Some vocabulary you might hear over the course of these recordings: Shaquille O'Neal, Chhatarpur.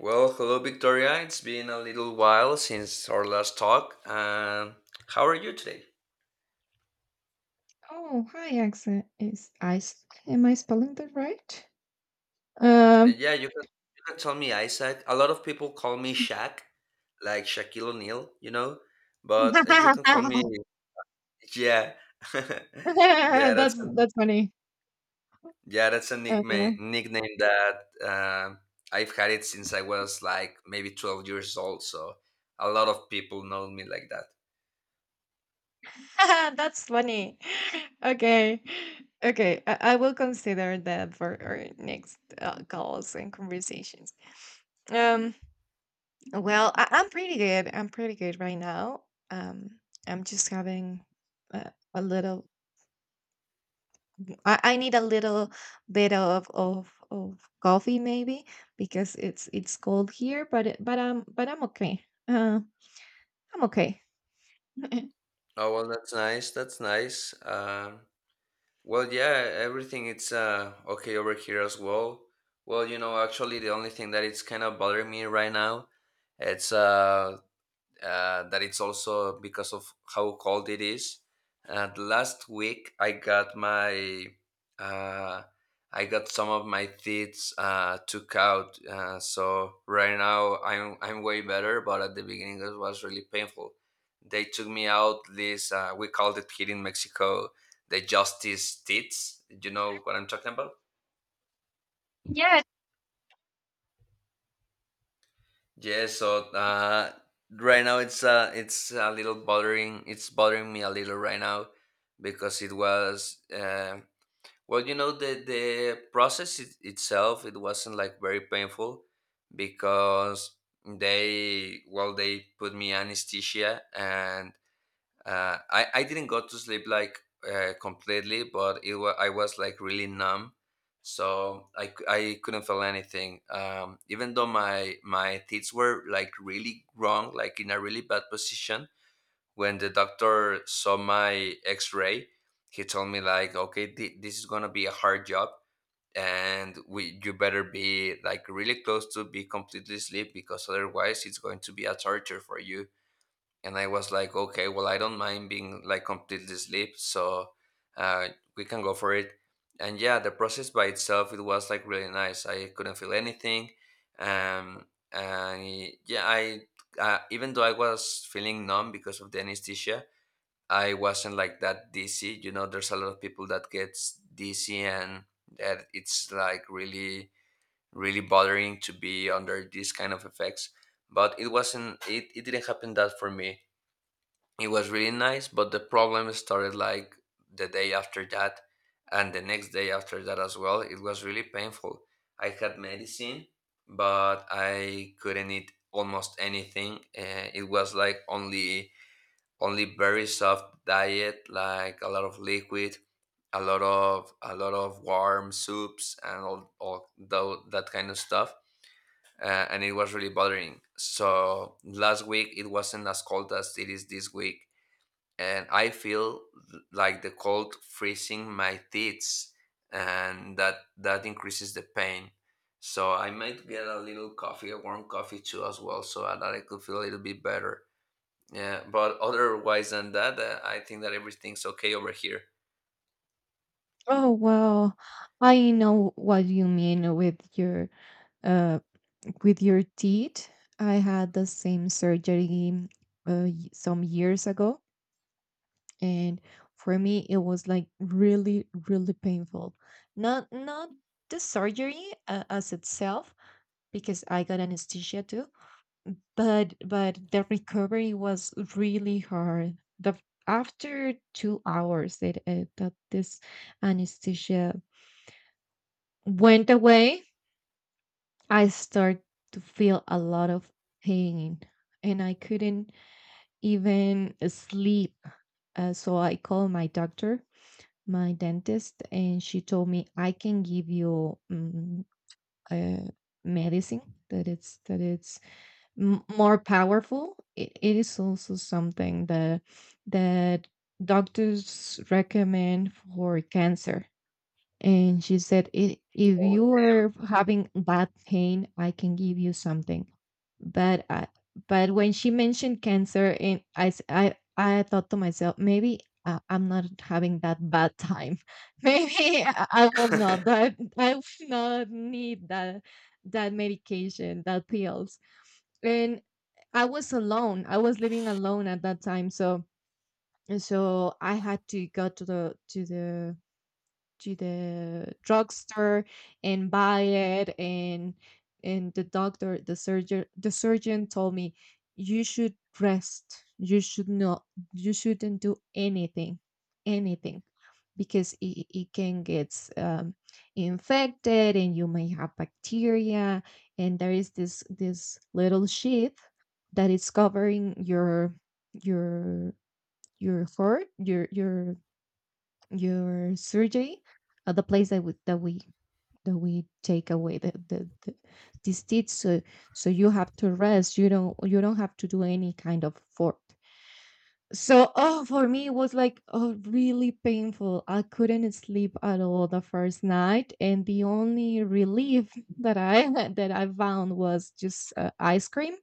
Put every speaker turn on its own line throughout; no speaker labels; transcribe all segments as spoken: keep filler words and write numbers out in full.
Well, hello, Victoria. It's been a little while since our last talk. Um, how are you today?
Oh, hi, accent is ice. Am I spelling that right? Um,
And yeah, you can you can tell me Isaac. A lot of people call me Shaq, like Shaquille O'Neal, you know. But uh, you can call me yeah, yeah. That's
that's
a,
that's funny.
yeah, that's a
Uh,
nickname nickname that um I've had it since I was like maybe twelve years old. So a lot of people know me like that.
that's funny. Okay, okay. I, I will consider that for our next uh, calls and conversations. Um, well, I, I'm pretty good. I'm pretty good right now. Um, I'm just having uh, a little I, I need a little bit of, of of coffee maybe because it's it's cold here, but it- but um but I'm okay. Uh, I'm okay.
Oh well, that's nice. That's nice. Um, Well, yeah, everything it's uh okay over here as well. Well, you know, actually the only thing that it's kind of bothering me right now, it's uh uh, that it's also because of how cold it is. And last week I got my uh, I got some of my teeth uh, took out, uh, so right now I'm I'm way better. But at the beginning it was really painful. They took me out this uh, we called it here in Mexico the justice teeth. You know what I'm talking about? Yes, so uh, right now it's uh, it's a little bothering. It's bothering me a little right now because it was uh, well, you know, the the process it, itself it wasn't like very painful because they well they put me anesthesia and uh, I, I didn't go to sleep like uh, completely but it was I was like really numb so i, c- I couldn't feel anything um, even though my my teeth were like really wrong like in a really bad position when the doctor saw my x-ray he told me like okay thi- this is gonna be a hard job and we you better be like really close to be completely asleep because otherwise it's going to be a torture for you. And I was like, okay, well, I don't mind being like completely asleep, so uh, we can go for it. And yeah, the process by itself, it was like really nice. I couldn't feel anything, um, and yeah, I uh, even though I was feeling numb because of the anesthesia, I wasn't like that dizzy. You know, there's a lot of people that gets dizzy, and that it's like really, really bothering to be under these kind of effects. But it wasn't. It, it didn't happen that for me it was really nice, but the problem started like the day after that and the next day after that as well. It was really painful. I had medicine, but I couldn't eat almost anything. Uh, it was like only only very soft diet, like a lot of liquid, a lot of a lot of warm soups and all, all tho- that kind of stuff uh, and it was really bothering. So last week it wasn't as cold as it is this week, and I feel th- like the cold freezing my teeth, and that that increases the pain. So I might get a little coffee, a warm coffee too, as well, so that I could feel a little bit better. Yeah, but otherwise than that, uh, I think that everything's okay over here.
Oh well, I know what you mean with your uh with your teeth. I had the same surgery uh, y- some years ago, and for me it was like really really painful. Not not the surgery uh, as itself because I got anesthesia too. But but the recovery was really hard. The after two hours that uh, that this anesthesia went away, I start to feel a lot of pain, and I couldn't even sleep. Uh, so I called my doctor, my dentist, and she told me, I can give you mm, uh, medicine that it's that it's m- more powerful. it, it is also something that that doctors recommend for cancer. And she said, "I- "If
Oh
you're having bad pain, I can give you something." But I, but when she mentioned cancer, and I, s- I, I thought to myself, maybe uh, I'm not having that bad time. Maybe I I will not,
damn.
that I will not need that that medication, that pills. And I was alone. I was living alone at that time, so so I had to go to the to the to the drugstore and buy it. and and the doctor, the surgeon, the surgeon told me, you should rest. You should not, you shouldn't do anything, anything, because it, it can get um, infected and you may have bacteria. And there is this this little sheath that is covering your your your heart your your your surgery at the place that we that we that we take away the the, the these teeth. So so you have to rest. You don't, you don't have to do any kind of effort. So oh for me it was like oh really painful. I couldn't sleep at all the first night, and the only relief that I that I found was just uh, ice cream.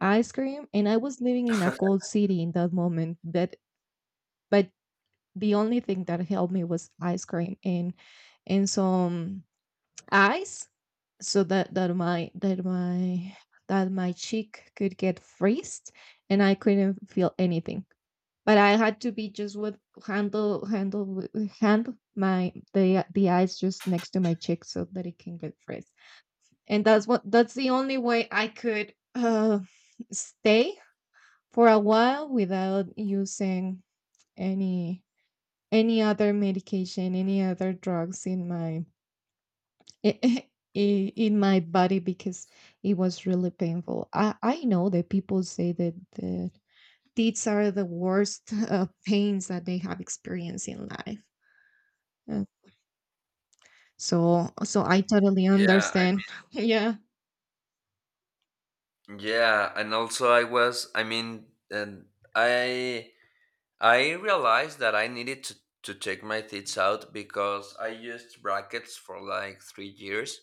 Ice cream. And I was living in a cold city in that moment that, but the only thing that helped me was ice cream and and some ice, so that that my that my that my cheek could get freezed, and I couldn't feel anything. But I had to be just with handle handle with- hand my the the ice just next to my cheek so that it can get freeze. And that's what, that's the only way I could uh, stay for a while without using any any other medication, any other drugs in my i- in my body because it was really painful. I I know that people say that the these are the worst uh, pains that they have experienced in life. Uh, So so I totally
yeah, I,
understand. Yeah.
yeah, and also I was, I mean, and I I realized that I needed to, to take my teeth out because I used brackets for like three years,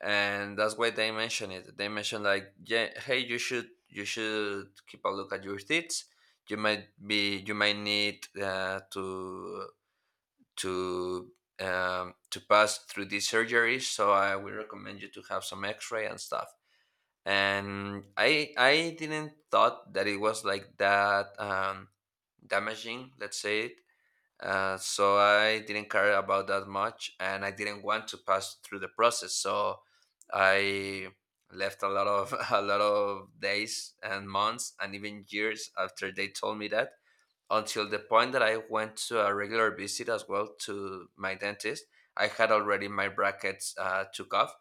and that's why they mentioned it. They mentioned like, yeah, hey, you should you should keep a look at your teeth. You might be you might need uh, to to um, to pass through these surgeries. So I would recommend you to have some X-ray and stuff. And I I didn't thought that it was like that um, damaging. Let's say uh, so I didn't care about that much, and I didn't want to pass through the process. So I left a lot of a lot of days and months and even years after they told me that until the point that I went to a regular visit as well to my dentist. I had already my brackets uh, took off,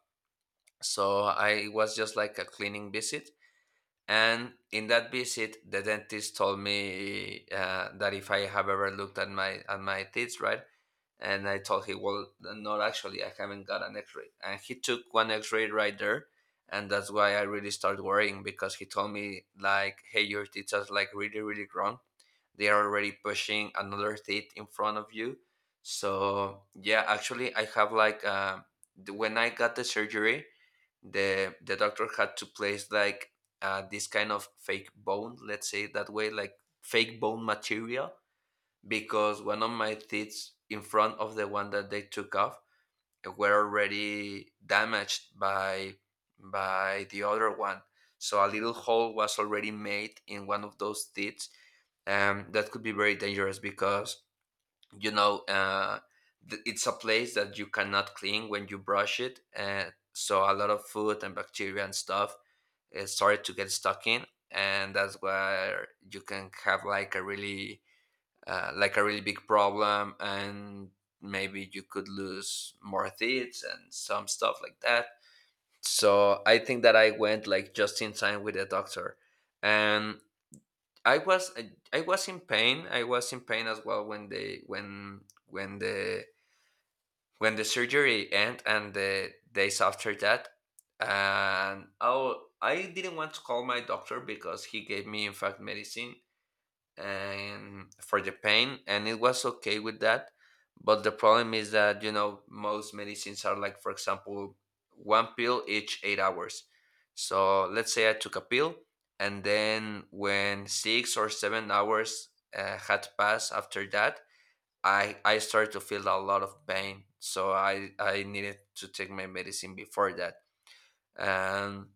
so I it was just like a cleaning visit. And in that visit, the dentist told me uh, that if I have ever looked at my at my teeth, right, and I told him, well, not actually, I haven't got an x ray. And he took one x ray right there. And that's why I really started worrying because he told me, like, hey, your teeth are like really, really grown. They are already pushing another teeth in front of you. So, yeah, actually, I have like, uh, the- when I got the surgery, the, the doctor had to place like uh, this kind of fake bone, let's say it that way, like fake bone material because one of my teeth in front of the one that they took off were already damaged by by the other one. So a little hole was already made in one of those teeth. Um, that could be very dangerous because you know uh, th- it's a place that you cannot clean when you brush it, and so a lot of food and bacteria and stuff uh, started to get stuck in, and that's where you can have like a really uh, like a really big problem and maybe you could lose more teeth and some stuff like that. So I think that I went like just in time with the doctor. And i was i I was in pain. I was in pain as well when they when when the when the surgery end and the days after that. And oh I didn't want to call my doctor because he gave me in fact medicine and for the pain and it was okay with that. But the problem is that you know most medicines are like for example one pill each eight hours. So let's say I took a pill and then when six or seven hours uh, had passed after that i i started to feel a lot of pain so i i needed to take my medicine before that. Um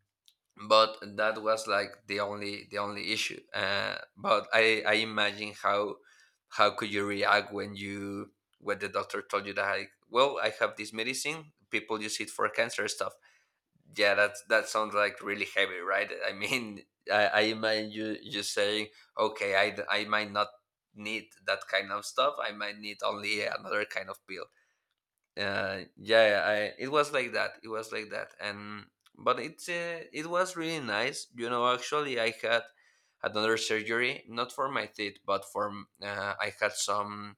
but that was like the only the only issue uh, but i i imagine how how could you react when you when the doctor told you that like well I have this medicine people use it for cancer stuff. Yeah that's that sounds like really heavy right. I mean i, I imagine you you saying okay I I might not need that kind of stuff. I might need only another kind of pill. uh yeah yeah, I it was like that. It was like that. And but it's uh, it was really nice you know actually I had another surgery not for my teeth but for m- uh, I had some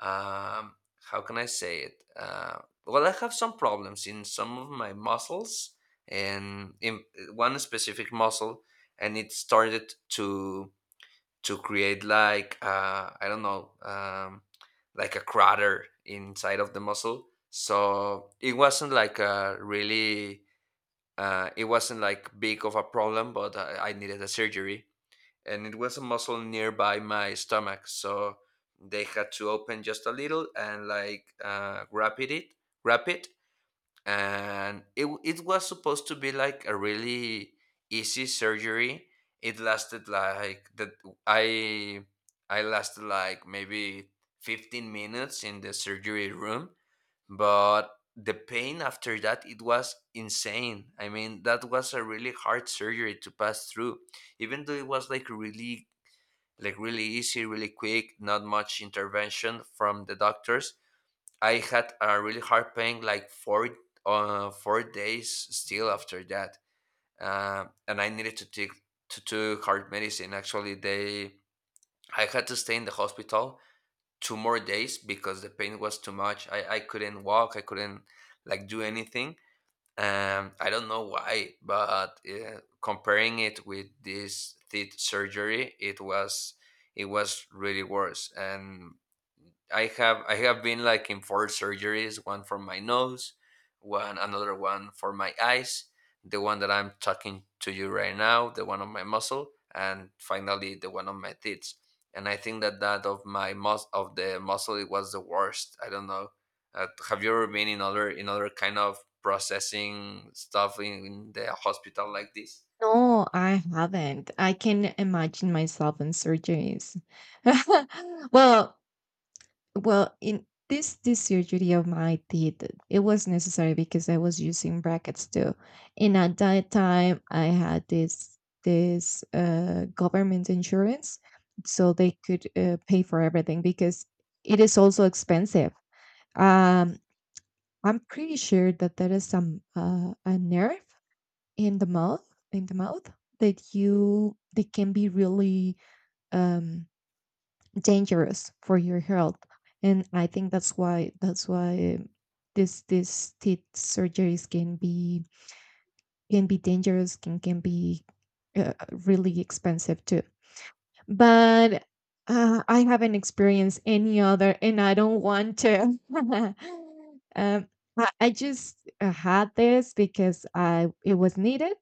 um how can I say it uh well I have some problems in some of my muscles and in one specific muscle. And it started to to create like uh, I don't know, um, like a crater inside of the muscle. So it wasn't like a really, uh, it wasn't like big of a problem, but I, I needed a surgery, and it was a muscle nearby my stomach. So they had to open just a little and like uh, wrap it, it- wrap it, and it w- it was supposed to be like a really easy surgery. It lasted like that. I I lasted like maybe fifteen minutes in the surgery room, but the pain after that it was insane. I mean, that was a really hard surgery to pass through, even though it was like really like really easy, really quick, not much intervention from the doctors. I had a really hard pain like four uh, four days still after that, uh, and I needed to take to took hard medicine. Actually, they I had to stay in the hospital two more days because the pain was too much. I I couldn't walk. I couldn't like do anything. Um, I don't know why, but uh, comparing it with this teeth surgery, it was it was really worse. And I have I have been like in four surgeries, one for my nose, one another one for my eyes, the one that I'm talking to you right now, the one on my muscle, and finally the one on my teeth. And I think that that of my mus- of the muscle it was the worst. I don't know. Uh, have you ever been in other in other kind of processing stuff in, in the hospital like this?
No, I haven't. I can imagine myself in surgeries. Well, well, in this this surgery of my teeth, it was necessary because I was using brackets too. And at that time, I had this this uh, government insurance, so they could uh, pay for everything because it is also expensive. Um, I'm pretty sure that there is some uh, a nerve in the mouth in the mouth that you, that can be really um, dangerous for your health. And I think that's why that's why this this teeth surgeries can be, can be dangerous, can can be uh, really expensive too. But uh, I haven't experienced any other, and I don't want to. um, I, I just uh, had this because I, it was needed.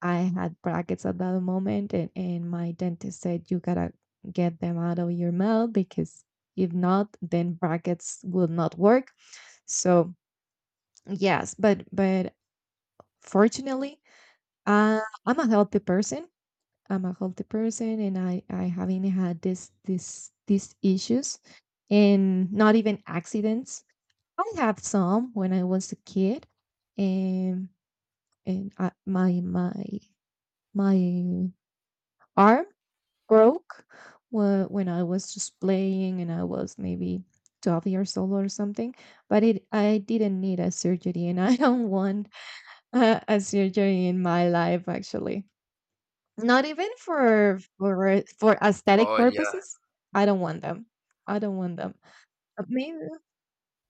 I had brackets at that moment, and, and my dentist said, you gotta get them out of your mouth, because if not, then brackets will not work. So, yes, but, but fortunately, uh, I'm a healthy person. I'm a healthy person, and I, I haven't had this, this, these issues, and not even accidents. I have some when I was a kid, and and I, my my my arm broke whe- when I was just playing, and I was maybe twelve years old or something. But it, I didn't need a surgery, and I don't want uh, a surgery in my life. Actually, not even for for for aesthetic
Oh yeah.
purposes. I don't want them. I don't want them. Uh, Maybe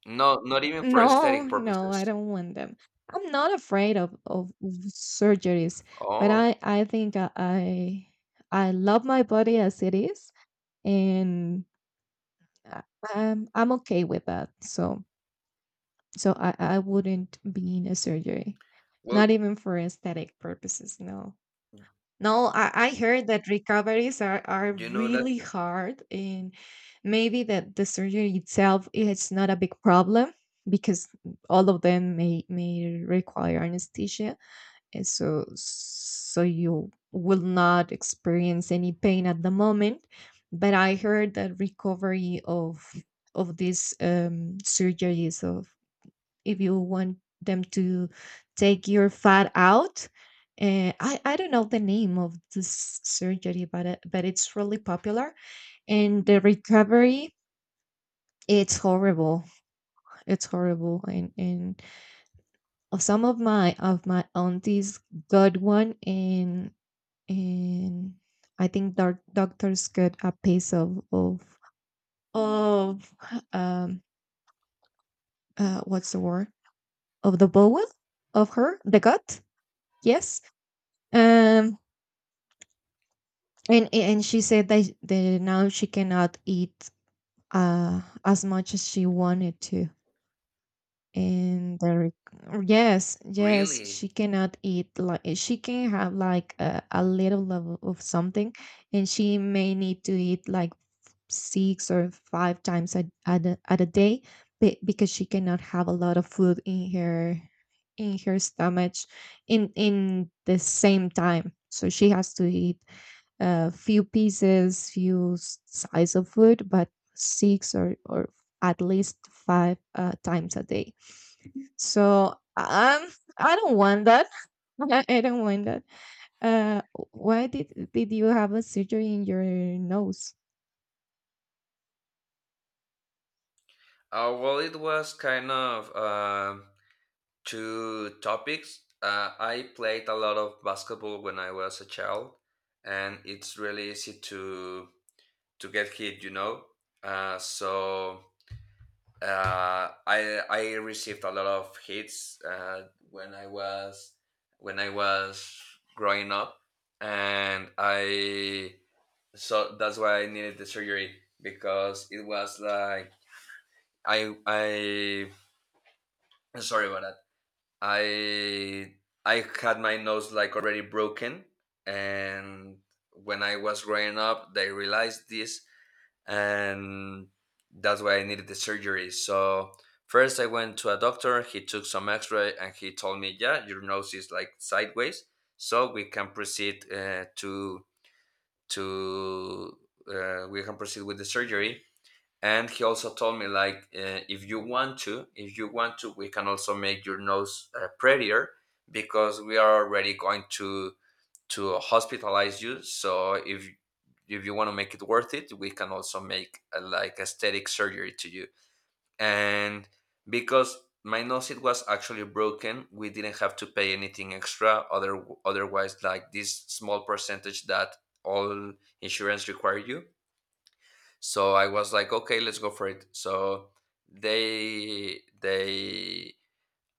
No, not even for
no,
aesthetic
no, I
purposes.
don't want them. I'm not afraid of, of surgeries, but
Oh,
I, I think I I I love my body as it is, and I- I'm I'm okay with that. So so I I wouldn't be in a surgery,
well,
not even for aesthetic purposes. No, no. I I heard that recoveries are are
you know that's
really hard, and maybe that the surgery itself is not a big problem because all of them may may require anesthesia, and so so you will not experience any pain at the moment. But I heard that recovery of of these um surgeries of, if you want them to take your fat out, uh, I, I don't know the name of this surgery, but it, but it's really popular. And the recovery, it's horrible. It's horrible. and and some of my, of my aunties got one. and And I think, doc- doctors get a piece of of of um uh what's the word, of the bowel, of her, the gut, yes. um and and she said that, that now she cannot eat uh as much as she wanted to. And there, yes, yes, she
really.
cannot eat like, she can have like a, a little level of something. And she may need to eat like six or five times a, at, a, at a day, be- because she cannot have a lot of food in her, in her stomach, in in the same time. So she has to eat a few pieces, few s- size of food, but six or or at least five uh, times a day. So um I don't want that. i I don't want that. uh why did did you have a surgery in your nose?
Uh, well, it was kind of um two topics. Uh, I played a lot of basketball when I was a child, and it's really easy to to get hit, you know. Uh, so uh, I I received a lot of hits uh, when I was when I was growing up, and I so that's why I needed the surgery because it was like I I sorry about that I I had my nose like already broken, and when I was growing up, they realized this, and that's why I needed the surgery. So first, I went to a doctor. He took some X-ray, and he told me, "Yeah, your nose is like sideways, so we can proceed uh, to to uh, we can proceed with the surgery." And he also told me like uh, if you want to if you want to we can also make your nose uh, prettier, because we are already going to to hospitalize you. So if if you want to make it worth it, we can also make a, like aesthetic surgery to you. And because my nose it was actually broken, we didn't have to pay anything extra, other otherwise like this small percentage that all insurance require you. So I was like, okay, let's go for it. So they they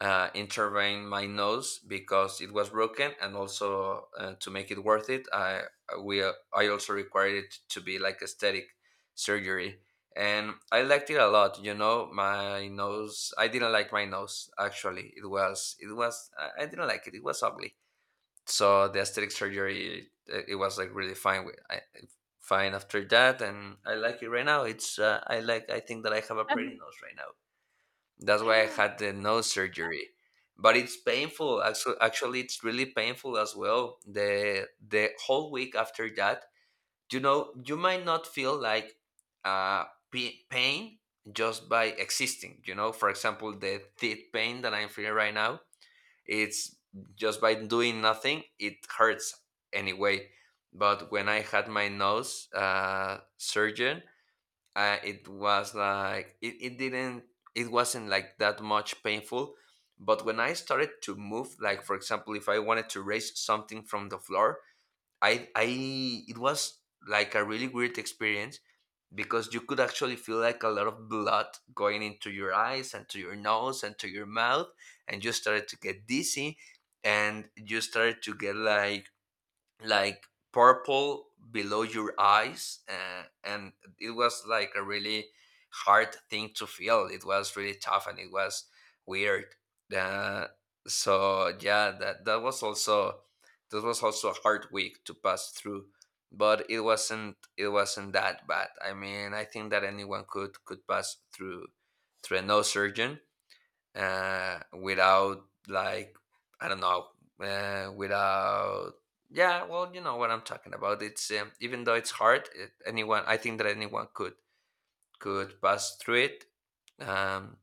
uh, intervened my nose because it was broken, and also uh, to make it worth it, I we uh, I also required it to be like aesthetic surgery, and I liked it a lot. You know, my nose. I didn't like my nose actually. It was it was I I didn't like it. It was ugly, so the aesthetic surgery it, it was like really fine with I, fine after that. And I like it right now. It's uh, i like I think that I have a pretty nose right now. That's why I had the nose surgery. But it's painful actually, actually it's really painful as well, the the whole week after that. You know, you might not feel like uh pa- pain just by existing, you know, for example the teeth pain that I'm feeling right now. It's just by doing nothing, it hurts. Anyway, but when I had my nose uh, surgeon, uh, it was like it, it didn't, it wasn't like that much painful. But when I started to move, like for example if I wanted to raise something from the floor, I I it was like a really weird experience, because you could actually feel like a lot of blood going into your eyes and to your nose and to your mouth. And you started to get dizzy, and you started to get like like purple below your eyes, uh, and it was like a really hard thing to feel. It was really tough, and it was weird. Uh, so yeah, that that was also, that was also a hard week to pass through. But it wasn't it wasn't that bad. I mean, I think that anyone could could pass through, through a nose surgeon, uh, without like I don't know, uh, without yeah. Well, you know what I'm talking about. It's um, even though it's hard, it, anyone, I think that anyone could could pass through it. Um,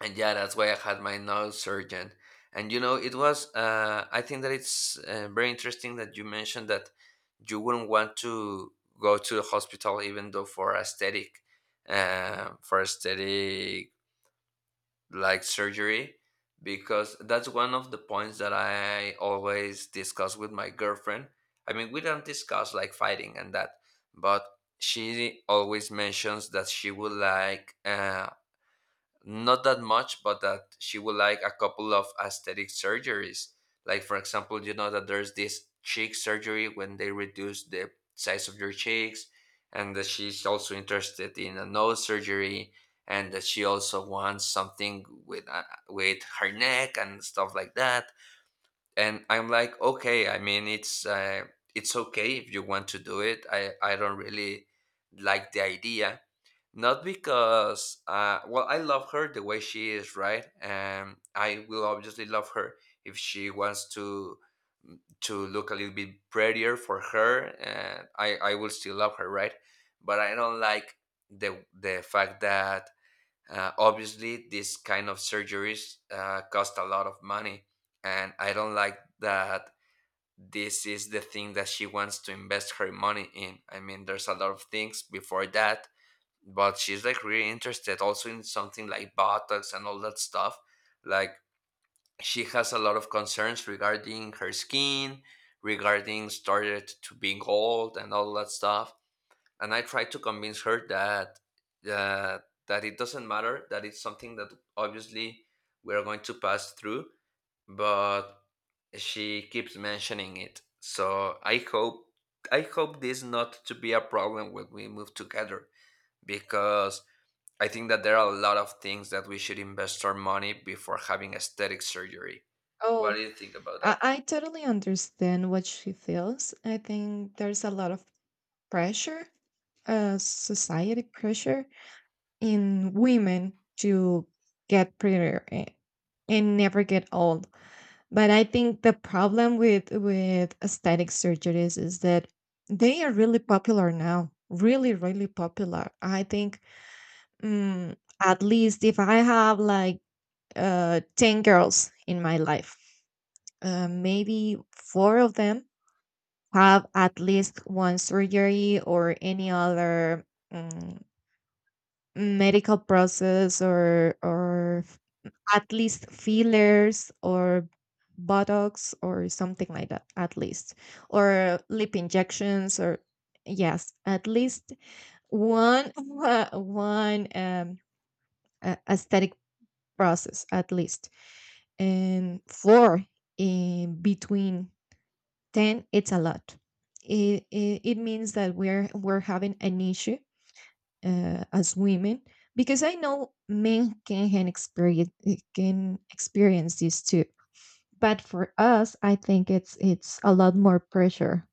and yeah, that's why I had my nose surgeon. And you know, it was. Uh, I think that it's uh, very interesting that you mentioned that you wouldn't want to go to the hospital, even though for aesthetic, uh, for aesthetic like surgery, because that's one of the points that I always discuss with my girlfriend. I mean, we don't discuss like fighting and that, but she always mentions that she would like uh, not that much, but that she would like a couple of aesthetic surgeries. Like for example, you know that there's this cheek surgery when they reduce the size of your cheeks, and that she's also interested in a nose surgery, and that she also wants something with uh, with her neck and stuff like that. And I'm like, okay, I mean, it's uh, it's okay if you want to do it. I I don't really like the idea, not because, uh, well, I love her the way she is, right? And I will obviously love her if she wants to mm, to look a little bit prettier for her, and I I will still love her, right? But I don't like the the fact that uh, obviously this kind of surgeries uh, cost a lot of money, and I don't like that this is the thing that she wants to invest her money in. I mean, there's a lot of things before that, but she's like really interested also in something like botox and all that stuff, like she has a lot of concerns regarding her skin, regarding started to being old and all that stuff. And I try to convince her that uh, that it doesn't matter, that it's something that obviously we're going to pass through. But she keeps mentioning it, so i hope i hope this not to be a problem when we move together, because I think that there are a lot of things that we should invest our money before having aesthetic surgery. What
Oh,
do you think about that?
I, I totally understand what she feels. I think there's a lot of pressure, uh, society pressure in women to get prettier a- and never get old. But I think the problem with with aesthetic surgeries is that they are really popular now. Really, really popular. I think mm, at least if I have like uh, ten girls in my life, uh, maybe four of them have at least one surgery or any other um, medical process, or or at least fillers, or botox, or something like that, at least, or lip injections, or yes, at least one one um, a- aesthetic process, at least. And four in between, then it's a lot. It, it, it means that we're we're having an issue uh, as women, because I know men can, can experience, can experience this too, but for us, I think it's it's a lot more pressure.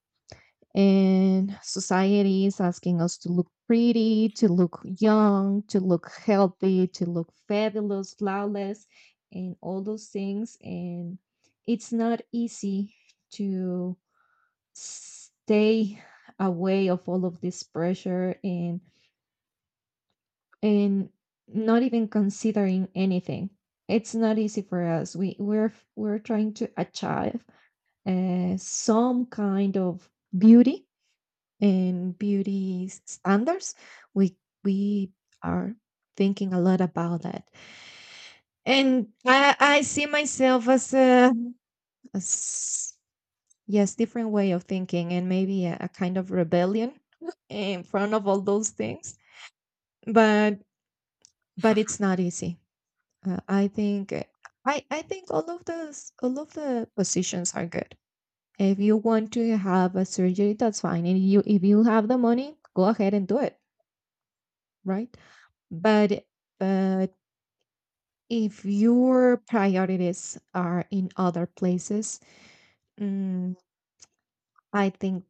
And society is asking us to look pretty, to look young, to look healthy, to look fabulous, flawless, and all those things, and it's not easy to stay away of all of this pressure, and and not even considering anything. It's not easy for us. We we're we're trying to achieve uh, some kind of beauty and beauty s- standards. we we are thinking a lot about that. And i i see myself as a as, yes, different way of thinking, and maybe a, a kind of rebellion in front of all those things. But but it's not easy. Uh, I think uh, I I think all of those, all of the positions are good. If you want to have a surgery, that's fine. And you, if you have the money, go ahead and do it, right? But but if your priorities are in other places, mm, I think,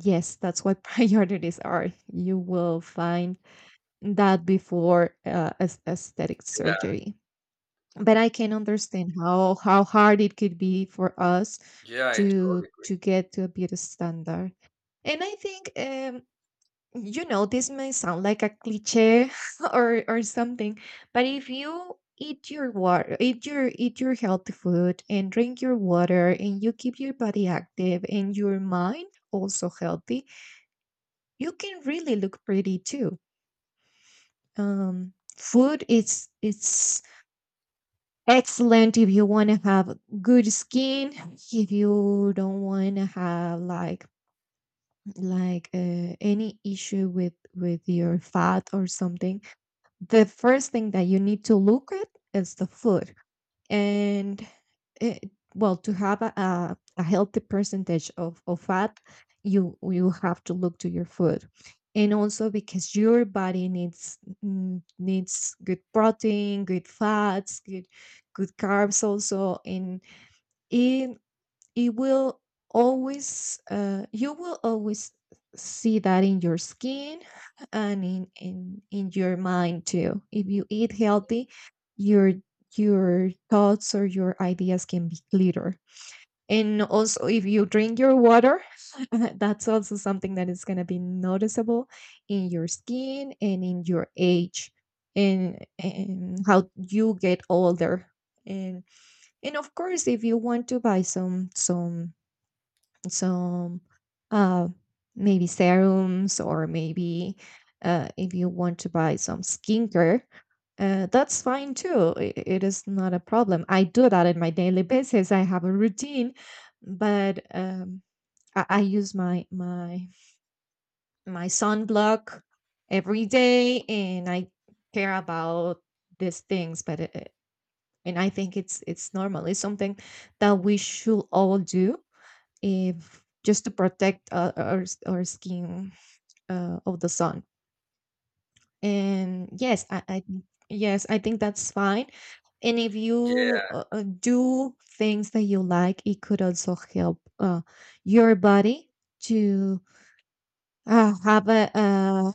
yes, that's what priorities are. You will find that before uh, as- aesthetic surgery. But I can understand how how hard it could be for us
Yeah, yeah, I
to
totally agree.
to get to a beauty standard. And I think um, you know, this may sound like a cliche or or something, but if you eat your water, eat your, eat your healthy food, and drink your water, and you keep your body active and your mind also healthy, you can really look pretty too. Um, food, it's it's excellent. If you want to have good skin, if you don't want to have like like uh, any issue with with your fat or something, the first thing that you need to look at is the food. And it, well, to have a, a, a healthy percentage of, of fat, you you have to look to your food. And also because your body needs mm, needs good protein, good fats, good good carbs also. And it it will always uh, you will always see that in your skin, and in, in in your mind too. If you eat healthy, your your thoughts or your ideas can be clearer. And also if you drink your water, that's also something that is going to be noticeable in your skin and in your age, and, and how you get older. and and of course if you want to buy some some some uh, maybe serums, or maybe uh, if you want to buy some skincare, uh, that's fine too. I- it is not a problem. I do that in my daily basis. I have a routine. But um, I, I use my my my sunblock every day, and I care about these things. But it, it- and I think it's it's normal. It's something that we should all do, if just to protect uh, our our skin uh, of the sun. And yes, I, I yes, I think that's fine. And if you
Yeah,
uh, uh, do things that you like, it could also help uh, your body to uh, have a uh,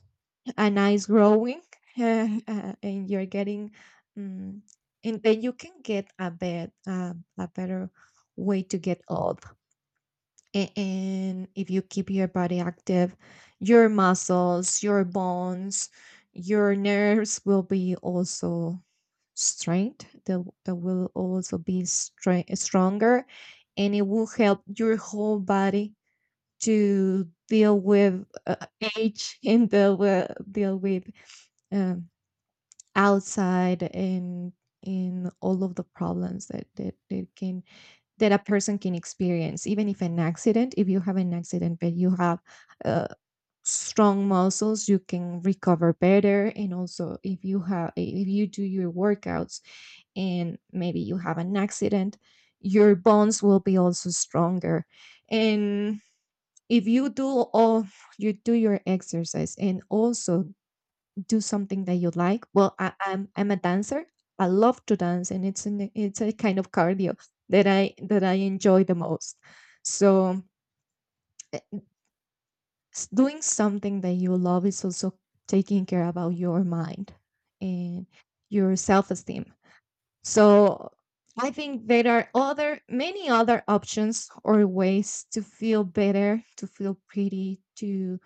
a nice growing, uh, uh, and you're getting, um, and then you can get a bed uh, a better way to get old. A- and if you keep your body active, your muscles, your bones, your nerves will be also straight. they, they will also be straight, stronger, and it will help your whole body to deal with uh, age, and deal with, deal with um, outside, and in all of the problems that, that, that can, that a person can experience. Even if an accident, if you have an accident, but you have uh, strong muscles, you can recover better. And also if you have, if you do your workouts, and maybe you have an accident, your bones will be also stronger. And if you do all, you do your exercise, and also do something that you like. Well, I, I'm I'm a dancer. I love to dance, and it's an, it's a kind of cardio that I, that I enjoy the most. So eh, s- doing something that you love is also taking care about your mind and your self esteem. So I think there are other, many other options or ways to feel better, to feel pretty, to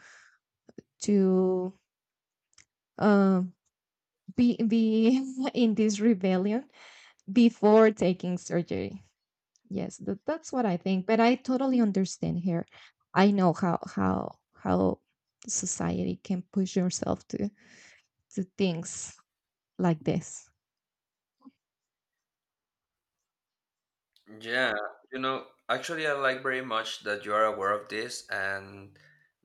to um, be be in this rebellion before taking surgery. Yes, that, that's what I think. But I totally understand here. I know how how how society can push yourself to to things like this.
yeah. You know, actually, I like very much that you are aware of this and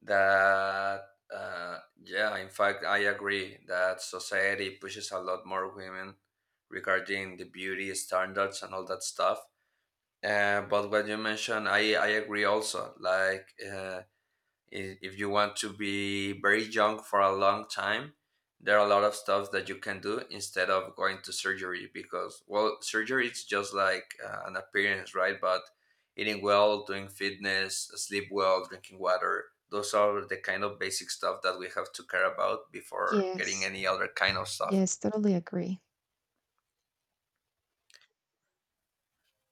that, uh, yeah, in fact, I agree that society pushes a lot more women regarding the beauty standards and all that stuff. Uh, but what you mentioned, I, I agree also. Like, uh, i- if you want to be very young for a long time, there are a lot of stuff that you can do instead of going to surgery, because well surgery is just like uh, an appearance, right? But eating well, doing fitness, sleep well, drinking water, those are the kind of basic stuff that we have to care about before getting
Yes,
any other kind of stuff.
yes, totally agree.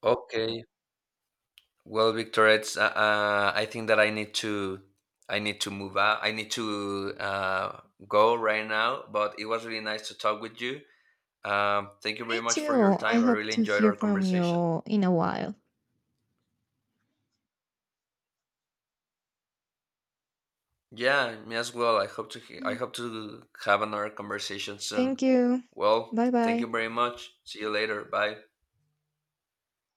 Okay. Well, Victor, it's uh, uh, I think that I need to I need to move out. I need to uh, go right now. But it was really nice to talk with you. Um, thank you very
Me
much for your
too. I
time. I
hope
really
to
enjoyed
hear
our
from
conversation.
you in a while.
Yeah, me as well. I hope to he- I
Yeah.
hope to have another conversation soon.
Thank you.
Well,
Bye
thank
bye.
you very much. See you later. Bye.